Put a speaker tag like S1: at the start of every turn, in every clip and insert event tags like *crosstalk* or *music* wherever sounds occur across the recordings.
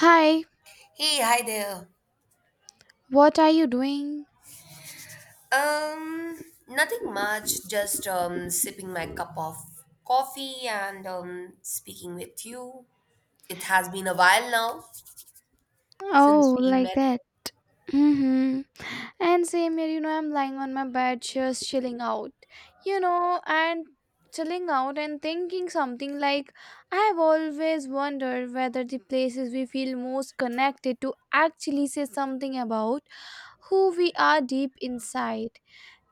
S1: Hi,
S2: Hey, hi there.
S1: what are you doing?
S2: Um, Nothing much, just sipping my cup of coffee and speaking with you. It has been a while now since
S1: Oh,
S2: we
S1: like
S2: met.
S1: that. Mm-hmm. And same here, I'm lying on my bed just chilling out and chilling out and thinking something like I have always wondered whether the places we feel most connected to actually say something about who we are deep inside.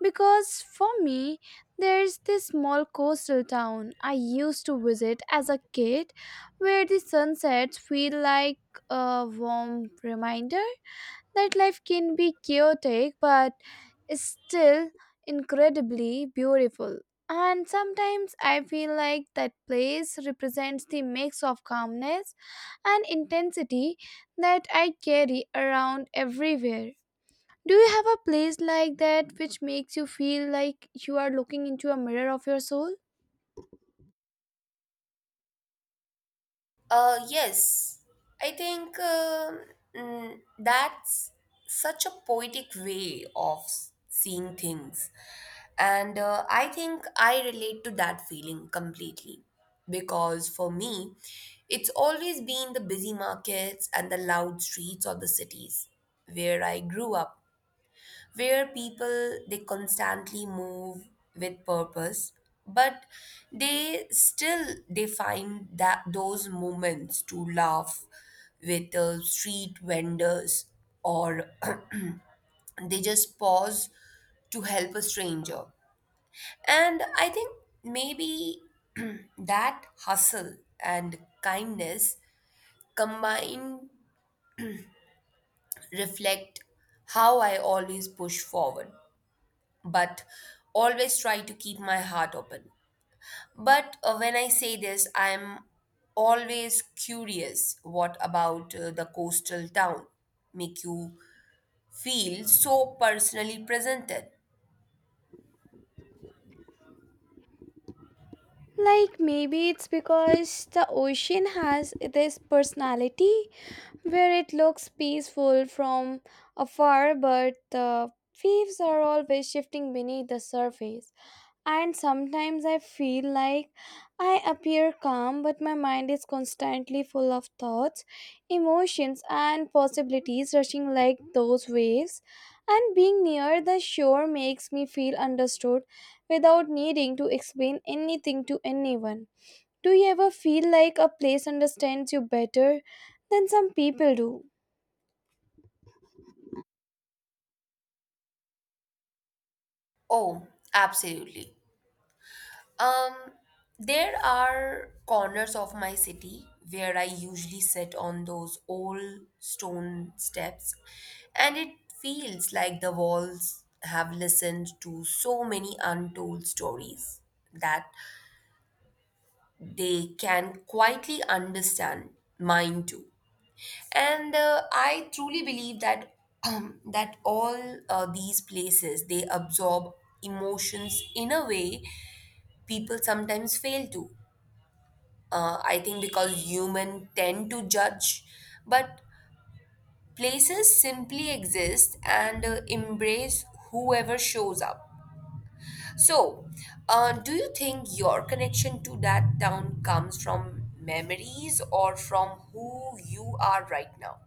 S1: Because for me, there's this small coastal town I used to visit as a kid where the sunsets feel like a warm reminder that life can be chaotic but is still incredibly beautiful. And sometimes I feel like that place represents the mix of calmness and intensity that I carry around everywhere. Do you have a place like that which makes you feel like you are looking into a mirror of your soul?
S2: Yes, I think that's such a poetic way of seeing things. And I think I relate to that feeling completely because for me, it's always been the busy markets and the loud streets of the cities where I grew up where people they constantly move with purpose but they still they find that those moments to laugh with street vendors or *clears throat* they just pause to help a stranger and I think maybe *clears throat* that hustle and kindness combined reflect how I always push forward but always try to keep my heart open. But when I say this, I'm always curious what about the coastal town make you feel so personally presented?
S1: Like maybe it's because the ocean has this personality where it looks peaceful from afar, but the waves are always shifting beneath the surface. And sometimes I feel like I appear calm, but my mind is constantly full of thoughts, emotions, and possibilities rushing like those waves. And being near the shore makes me feel understood without needing to explain anything to anyone. Do you ever feel like a place understands you better than some people do?
S2: Oh, absolutely. Um, there are corners of my city where I usually sit on those old stone steps, and it feels like the walls have listened to so many untold stories that they can quietly understand mine too. And I truly believe that that all these places they absorb emotions in a way people sometimes fail to. I think because human tend to judge, but places simply exist and embrace whoever shows up. So, do you think your connection to that town comes from memories or from who you are right now?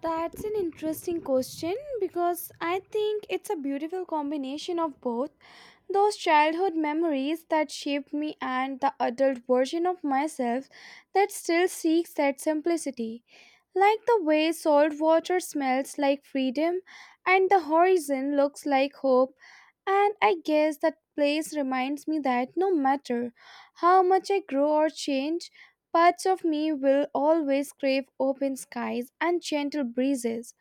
S1: That's an interesting question because I think it's a beautiful combination of both. Those childhood memories that shaped me and the adult version of myself that still seeks that simplicity. Like the way salt water smells like freedom and the horizon looks like hope. And I guess that place reminds me that no matter how much I grow or change, parts of me will always crave open skies and gentle breezes.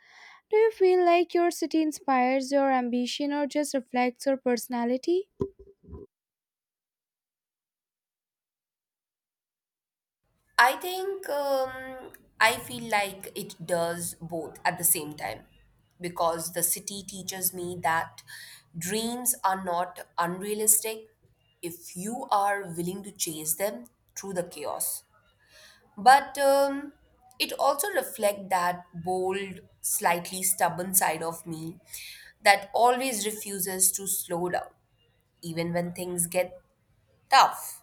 S1: Do you feel like your city inspires your ambition or just reflects your personality?
S2: I think I feel like it does both at the same time because the city teaches me that dreams are not unrealistic if you are willing to chase them through the chaos. But it also reflects that bold, slightly stubborn side of me that always refuses to slow down, even when things get tough.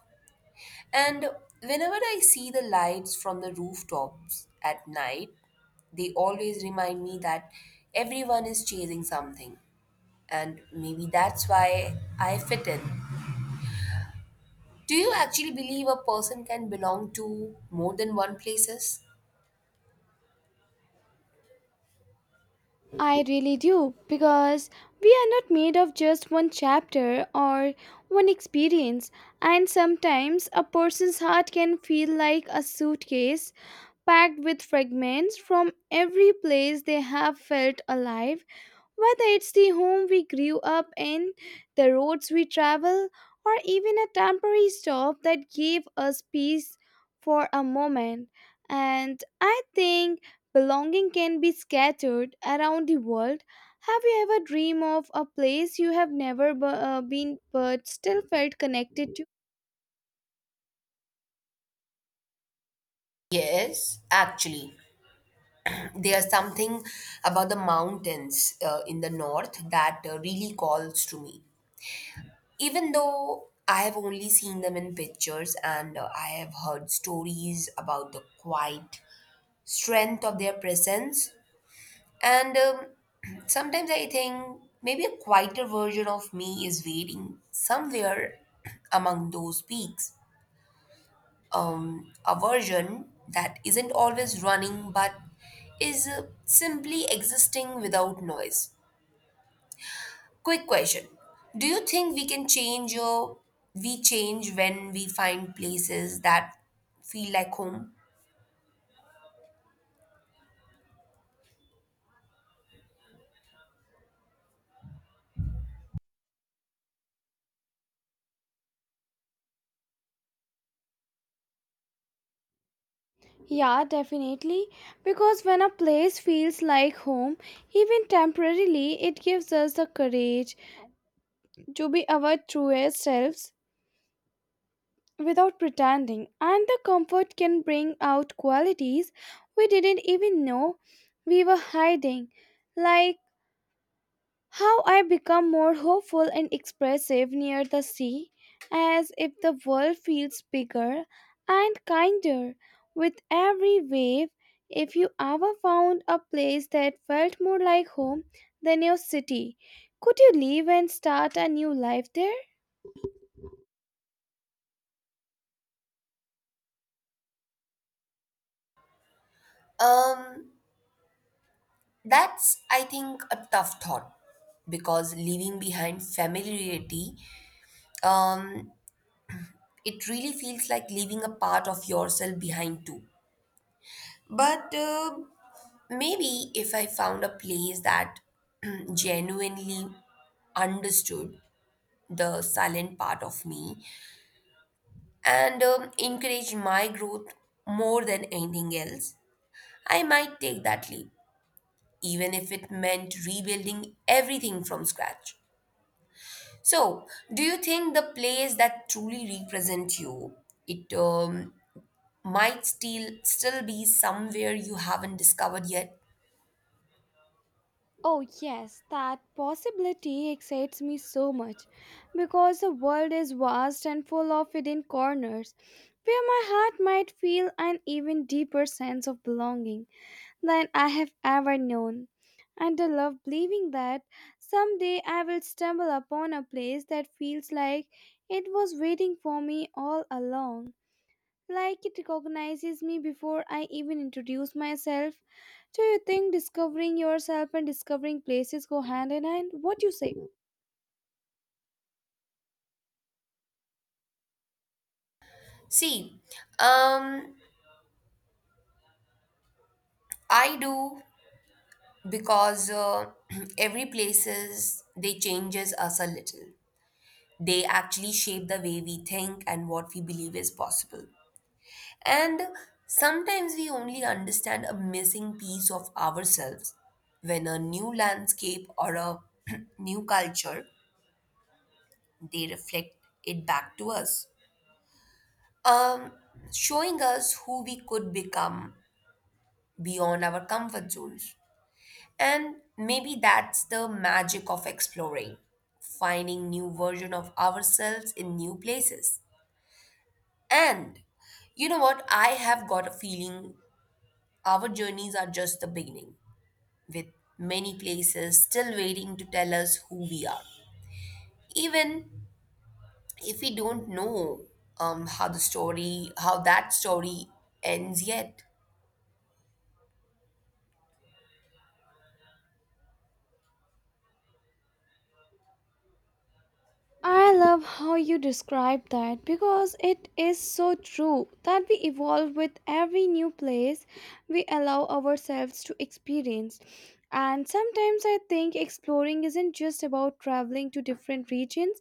S2: And whenever I see the lights from the rooftops at night, they always remind me that everyone is chasing something. And maybe that's why I fit in. Do you actually believe a person can belong to more than one places?
S1: I really do, because we are not made of just one chapter or one experience, and sometimes a person's heart can feel like a suitcase packed with fragments from every place they have felt alive, whether it's the home we grew up in, the roads we travel, or even a temporary stop that gave us peace for a moment. And I think belonging can be scattered around the world. Have you ever dreamed of a place you have never been but still felt connected to?
S2: Yes, actually, there's something about the mountains in the north that really calls to me. Even though I have only seen them in pictures and I have heard stories about the quiet strength of their presence, and *clears throat* sometimes I think maybe a quieter version of me is waiting somewhere *clears throat* among those peaks. A version that isn't always running but is simply existing without noise. Quick question. Do you think we can change or we change when we find places that feel like home?
S1: Yeah, definitely. Because when a place feels like home, even temporarily, it gives us the courage to be our truest selves without pretending. And the comfort can bring out qualities we didn't even know we were hiding, like how I become more hopeful and expressive near the sea, as if the world feels bigger and kinder with every wave. If you ever found a place that felt more like home than your city, could you leave and start a new life there?
S2: Um that's I think a tough thought because leaving behind familiarity um it really feels like leaving a part of yourself behind too. But maybe if I found a place that *clears throat* genuinely understood the silent part of me and encourage my growth more than anything else, I might take that leap, even if it meant rebuilding everything from scratch. So, do you think the place that truly represents you, it might still be somewhere you haven't discovered yet?
S1: Oh, yes, that possibility excites me so much because the world is vast and full of hidden corners where my heart might feel an even deeper sense of belonging than I have ever known. And I love believing that someday I will stumble upon a place that feels like it was waiting for me all along, like it recognizes me before I even introduce myself. Do you think discovering yourself and discovering places go hand in hand? What do you say?
S2: See, um, I do because *clears throat* every places they changes us a little. They actually shape the way we think and what we believe is possible. And sometimes we only understand a missing piece of ourselves when a new landscape or a *clears throat* new culture they reflect it back to us. Um, Showing us who we could become beyond our comfort zones. And maybe that's the magic of exploring, finding new version of ourselves in new places. And you know what? I have got a feeling our journeys are just the beginning, with many places still waiting to tell us who we are. Even if we don't know how that story ends yet.
S1: I love how you describe that because it is so true that we evolve with every new place we allow ourselves to experience. And sometimes I think exploring isn't just about traveling to different regions,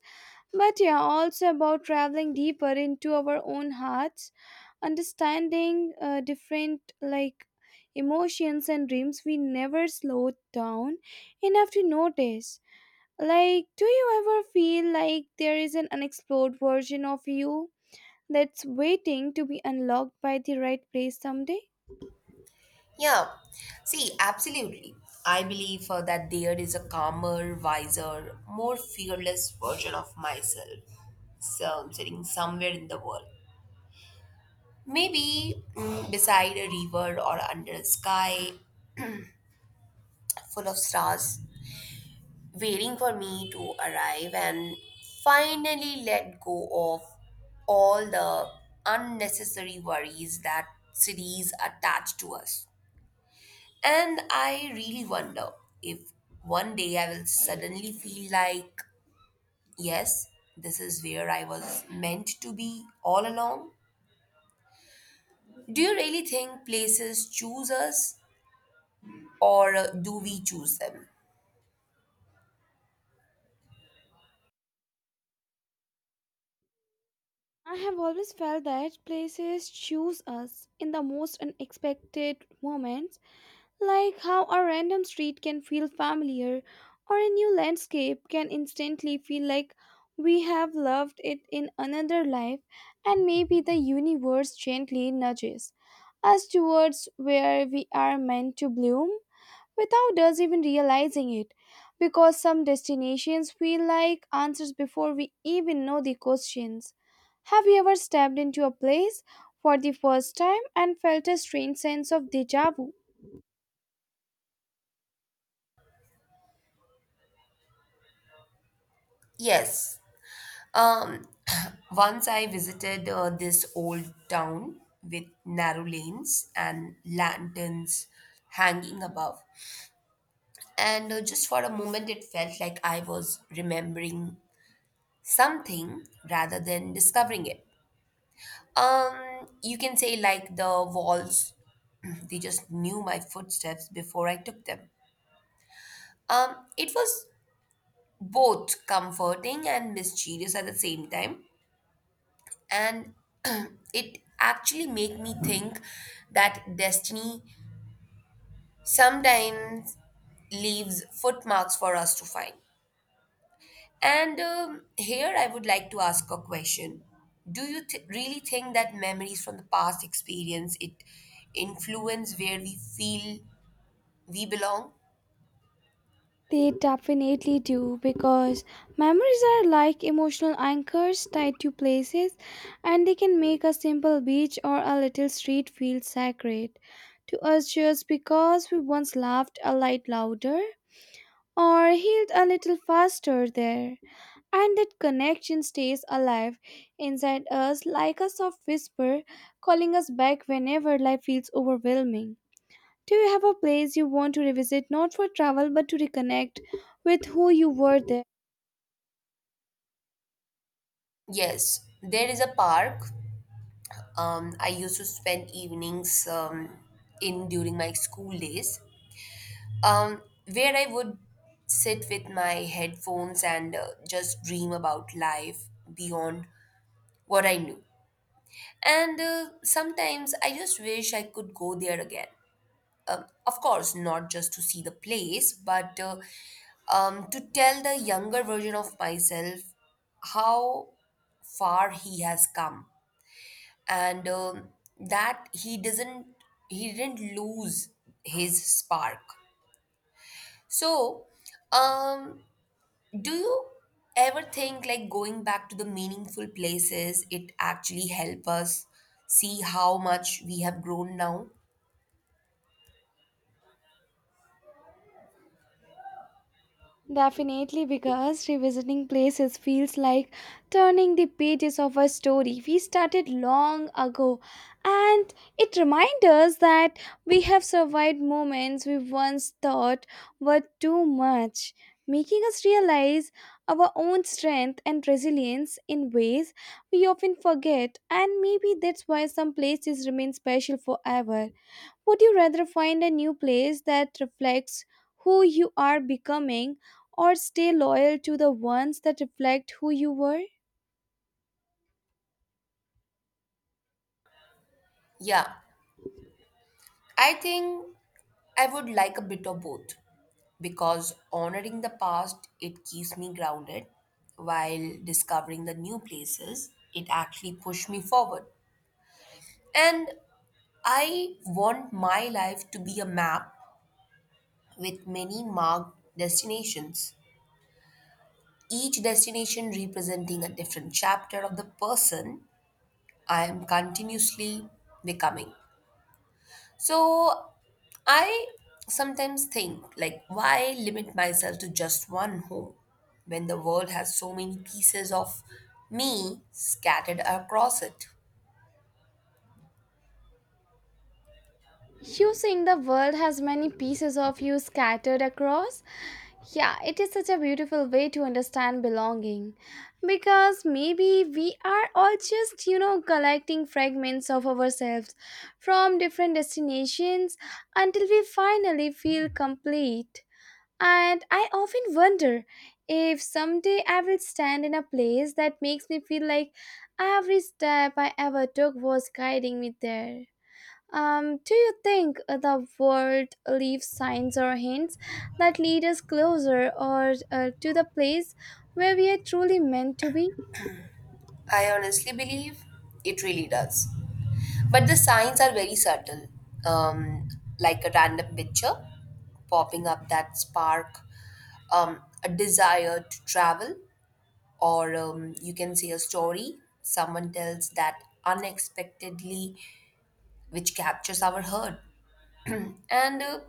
S1: but yeah, also about traveling deeper into our own hearts. Understanding different, like, emotions and dreams we never slowed down enough to notice. Like, do you ever feel like there is an unexplored version of you that's waiting to be unlocked by the right place someday?
S2: Yeah, see, absolutely. I believe that there is a calmer, wiser, more fearless version of myself so, sitting somewhere in the world. Maybe beside a river or under a sky full of stars, waiting for me to arrive and finally let go of all the unnecessary worries that cities attach to us. And I really wonder if one day I will suddenly feel like, yes, this is where I was meant to be all along. Do you really think places choose us or do we choose them?
S1: I have always felt that places choose us in the most unexpected moments, like how a random street can feel familiar or a new landscape can instantly feel like we have loved it in another life, and maybe the universe gently nudges us towards where we are meant to bloom without us even realizing it, because some destinations feel like answers before we even know the questions. Have you ever stepped into a place for the first time and felt a strange sense of deja vu?
S2: Yes. Um, *clears throat* Once I visited this old town with narrow lanes and lanterns hanging above. And just for a moment, it felt like I was remembering something rather than discovering it. You can say, like the walls, *clears throat* they just knew my footsteps before I took them. It was both comforting and mysterious at the same time and *clears throat* it actually made me think that destiny sometimes leaves footmarks for us to find. And here I would like to ask a question. Do you really think that memories from the past experience it influence where we feel we belong?
S1: They definitely do, because memories are like emotional anchors tied to places, and they can make a simple beach or a little street feel sacred to us just because we once laughed a light louder or healed a little faster there. And that connection stays alive inside us like a soft whisper calling us back whenever life feels overwhelming. Do you have a place you want to revisit not for travel but to reconnect with who you were there?
S2: Yes, there is a park. I used to spend evenings in during my school days, um, where I would sit with my headphones and just dream about life beyond what I knew. And sometimes I just wish I could go there again. Of course, not just to see the place, but to tell the younger version of myself how far he has come and that he didn't lose his spark. So um do you ever think like going back to the meaningful places, it actually help us see how much we have grown now?
S1: Definitely, because revisiting places feels like turning the pages of a story we started long ago, and it reminds us that we have survived moments we once thought were too much, making us realize our own strength and resilience in ways we often forget, and maybe that's why some places remain special forever. Would you rather find a new place that reflects who you are becoming or stay loyal to the ones that reflect who you were?
S2: Yeah, I think I would like a bit of both because honoring the past, it keeps me grounded while discovering the new places, it actually pushed me forward. And I want my life to be a map with many marked destinations each destination representing a different chapter of the person I am continuously becoming. So I sometimes think like why limit myself to just one home when the world has so many pieces of me scattered across it.
S1: You saying the world has many pieces of you scattered across? Yeah, it is such a beautiful way to understand belonging. Because maybe we are all just, collecting fragments of ourselves from different destinations until we finally feel complete. And I often wonder if someday I will stand in a place that makes me feel like every step I ever took was guiding me there. Do you think the world leaves signs or hints that lead us closer or to the place where we are truly meant to be?
S2: I honestly believe it really does. But the signs are very subtle, um, like a random picture popping up that spark a desire to travel, or you can see a story someone tells that unexpectedly, which captures our heart. And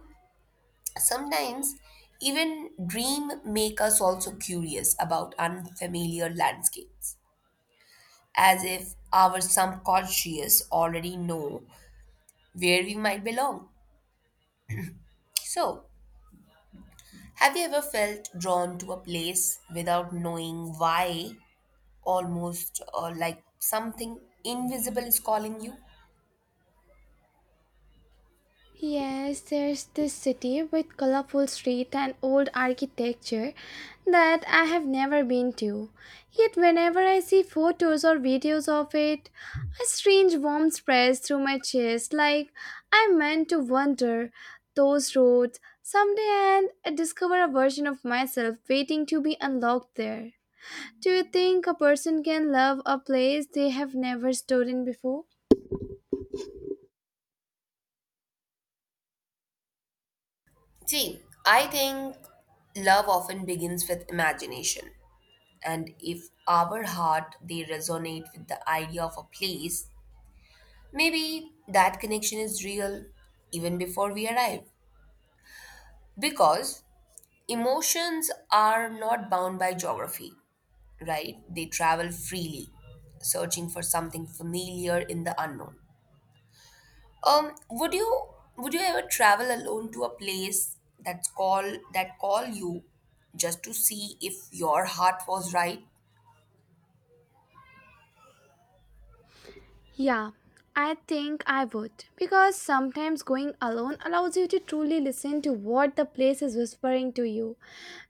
S2: sometimes, even dream make us also curious about unfamiliar landscapes, as if our subconscious already know where we might belong. So, have you ever felt drawn to a place without knowing why, almost like something invisible is calling you?
S1: Yes, there's this city with colorful streets and old architecture that I have never been to. Yet whenever I see photos or videos of it, a strange warmth spreads through my chest like I meant to wander those roads someday and discover a version of myself waiting to be unlocked there. Do you think a person can love a place they have never stood in before?
S2: See, I think love often begins with imagination. And if our heart they resonate with the idea of a place, maybe that connection is real even before we arrive. Because emotions are not bound by geography. Right? They travel freely, searching for something familiar in the unknown. Um, would you would you ever travel alone to a place that's call that call you just to see if your heart was right?
S1: Yeah, I think I would. Because sometimes going alone allows you to truly listen to what the place is whispering to you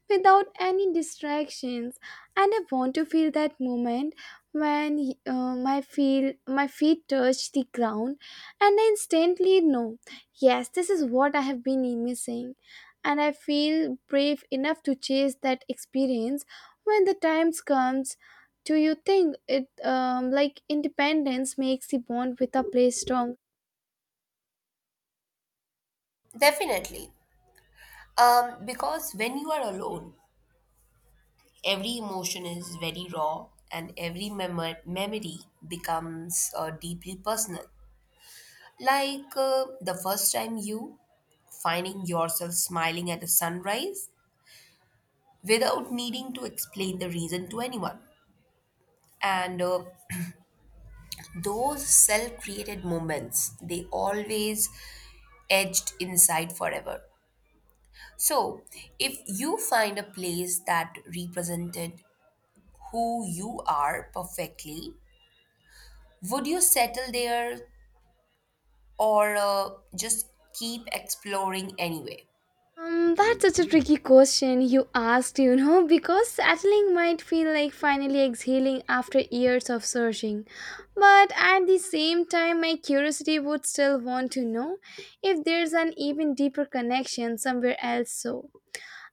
S1: without any distractions. And I want to feel that moment when, uh, my feel my feet touch the ground and I instantly know, yes, this is what I have been missing. And I feel brave enough to chase that experience when the times comes. Do you think it, like, independence makes the bond with a place strong?
S2: Definitely. Because when you are alone, every emotion is very raw and every memory becomes deeply personal. Like the first time you finding yourself smiling at a sunrise without needing to explain the reason to anyone. And those self created moments, they always edged inside forever. So, if you find a place that represented who you are perfectly, would you settle there or just keep exploring anyway?
S1: That's such a tricky question you asked, you know, because settling might feel like finally exhaling after years of searching. But at the same time, my curiosity would still want to know if there's an even deeper connection somewhere else. So,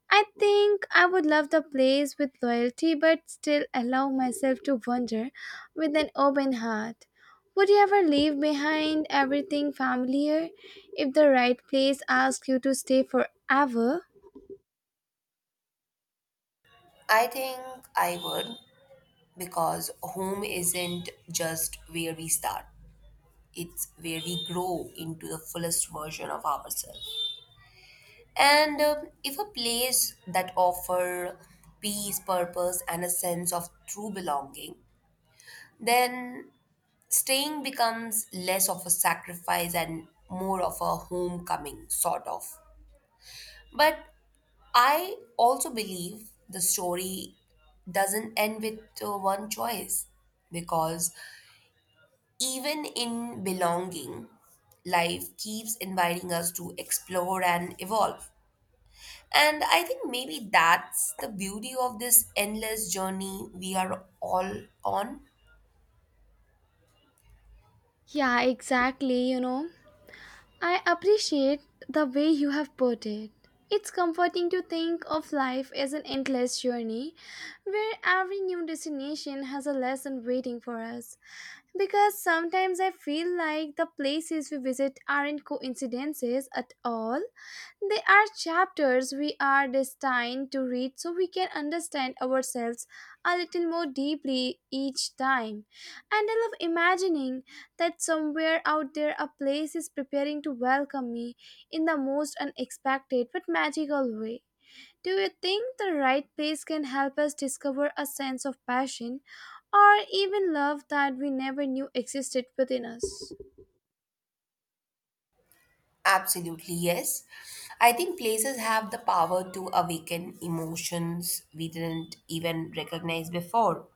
S1: I think I would love the place with loyalty, but still allow myself to wander with an open heart. Would you ever leave behind everything familiar if the right place asks you to stay forever?
S2: I think I would because home isn't just where we start. It's where we grow into the fullest version of ourselves. And if a place that offer peace, purpose, and a sense of true belonging, then staying becomes less of a sacrifice and more of a homecoming, sort of. But I also believe the story doesn't end with one choice because even in belonging, life keeps inviting us to explore and evolve. And I think maybe that's the beauty of this endless journey we are all on.
S1: Yeah, exactly. You know, I appreciate the way you have put it. It's comforting to think of life as an endless journey where every new destination has a lesson waiting for us. Because sometimes I feel like the places we visit aren't coincidences at all. They are chapters we are destined to read so we can understand ourselves a little more deeply each time. And I love imagining that somewhere out there a place is preparing to welcome me in the most unexpected but magical way. Do you think the right place can help us discover a sense of passion or even love that we never knew existed within us?
S2: Absolutely, yes. I think places have the power to awaken emotions we didn't even recognize before.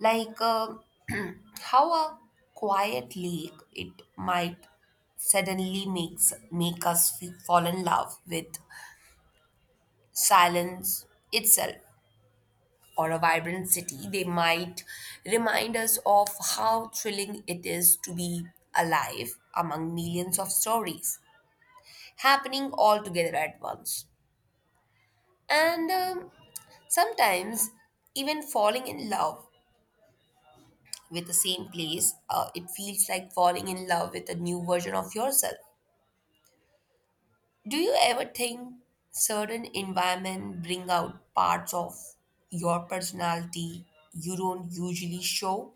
S2: Like *clears throat* how a quiet lake, it might suddenly make us fall in love with silence itself, or a vibrant city, they might remind us of how thrilling it is to be alive among millions of stories happening all together at once. And sometimes, even falling in love with the same place, it feels like falling in love with a new version of yourself. Do you ever think certain environment bring out parts of your personality you don't usually show?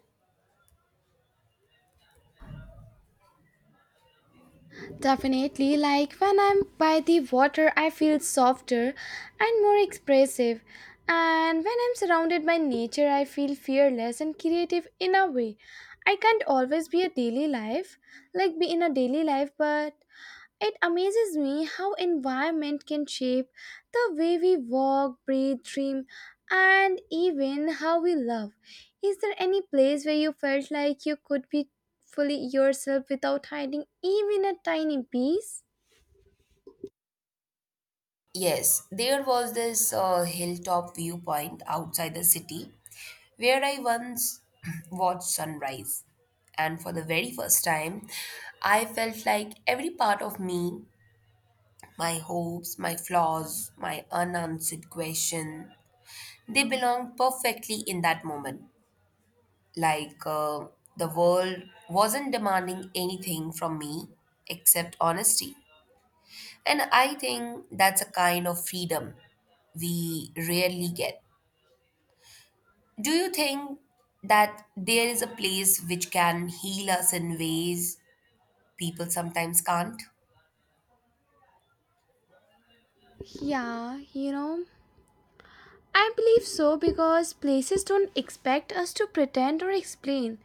S1: Definitely, like when I'm by the water, I feel softer and more expressive. And when I'm surrounded by nature, I feel fearless and creative in a way I can't always be a daily life, like be in a daily life. But it amazes me how environment can shape the way we walk, breathe, dream, and even how we love. Is there any place where you felt like you could be fully yourself without hiding even a tiny piece?
S2: Yes, there was this hilltop viewpoint outside the city where I once *clears throat* watched sunrise. And for the very first time, I felt like every part of me, my hopes, my flaws, my unanswered question, they belonged perfectly in that moment. Like the world wasn't demanding anything from me except honesty. And I think that's a kind of freedom we rarely get. Do you think that there is a place which can heal us in ways people sometimes can't?
S1: Yeah, you know, I believe so because places don't expect us to pretend or explain.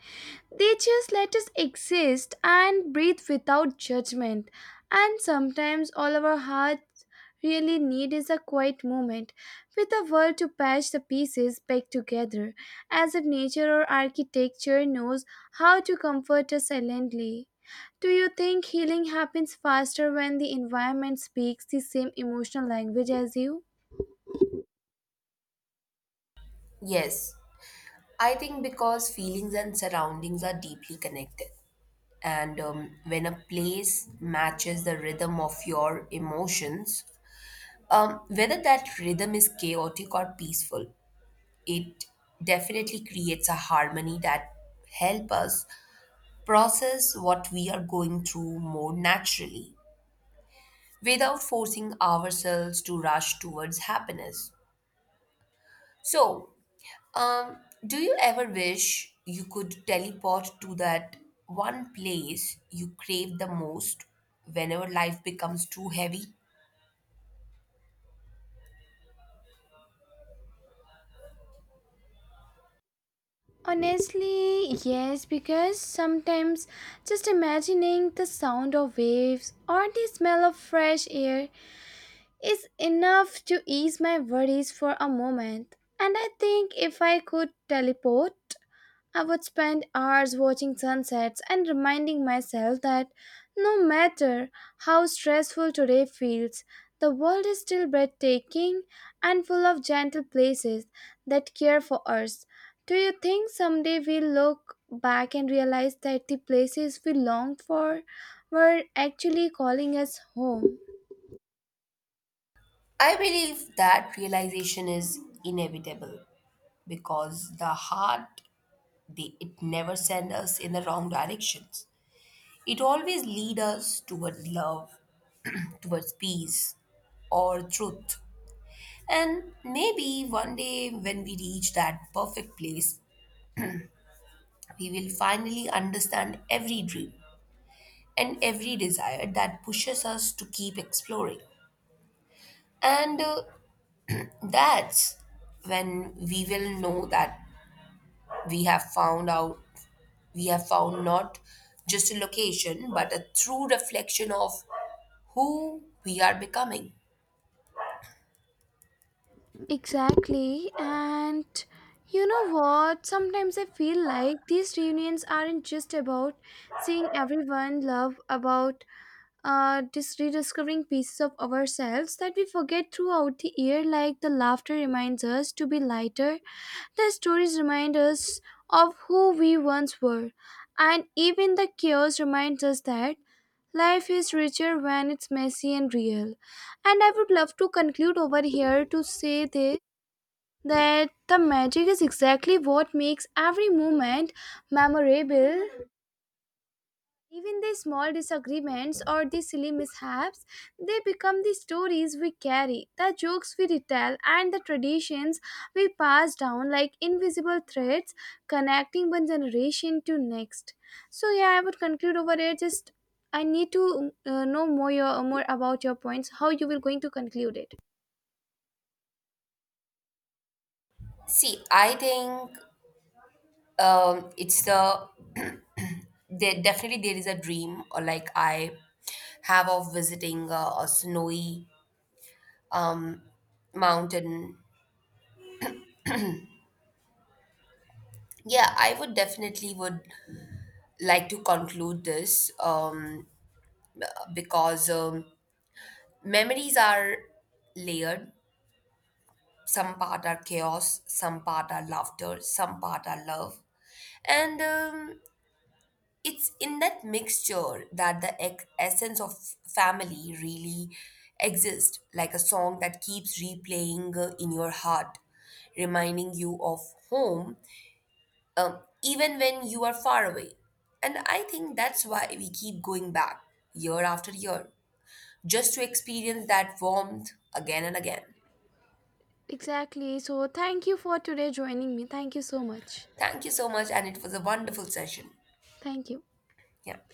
S1: They just let us exist and breathe without judgment. And sometimes all our hearts really need is a quiet moment with a world to patch the pieces back together, as if nature or architecture knows how to comfort us silently. Do you think healing happens faster when the environment speaks the same emotional language as you?
S2: Yes, I think because feelings and surroundings are deeply connected. And when a place matches the rhythm of your emotions, whether that rhythm is chaotic or peaceful, it definitely creates a harmony that help us process what we are going through more naturally without forcing ourselves to rush towards happiness. So, um, do you ever wish you could teleport to that one place you crave the most whenever life becomes too heavy?
S1: Honestly, yes, because sometimes just imagining the sound of waves or the smell of fresh air is enough to ease my worries for a moment. And I think if I could teleport, I would spend hours watching sunsets and reminding myself that no matter how stressful today feels, the world is still breathtaking and full of gentle places that care for us. Do you think someday we'll look back and realize that the places we longed for were actually calling us home?
S2: I believe that realization is inevitable because it never sends us in the wrong directions. It always leads us toward love, *clears throat* towards peace or truth. And maybe one day when we reach that perfect place we will finally understand every dream and every desire that pushes us to keep exploring. And that's when we will know that we have found out we have found not just a location, but a true reflection of who we are becoming.
S1: Exactly. And you know what? Sometimes I feel like these reunions aren't just about seeing everyone love, about, just rediscovering pieces of ourselves that we forget throughout the year. Like, the laughter reminds us to be lighter, the stories remind us of who we once were, and even the chaos reminds us that life is richer when it's messy and real. And I would love to conclude over here to say this, that the magic is exactly what makes every moment memorable. Even the small disagreements or the silly mishaps, they become the stories we carry, the jokes we retell, and the traditions we pass down like invisible threads connecting one generation to next. So yeah, I would conclude over here. Just, I need to know more your more about your points. How you will going to conclude it?
S2: See, I think it's the there definitely there is a dream or like I have of visiting a snowy um, mountain. Yeah, I would definitely would like to conclude this because memories are layered. Some part are chaos, some part are laughter, some part are love. And it's in that mixture that the essence of family really exists, like a song that keeps replaying in your heart, reminding you of home, even when you are far away. And I think that's why we keep going back year after year, just to experience that warmth again and again.
S1: Exactly. So thank you for today joining me. Thank you so much.
S2: Thank you so much, and it was a wonderful session.
S1: Thank you.
S2: Yeah.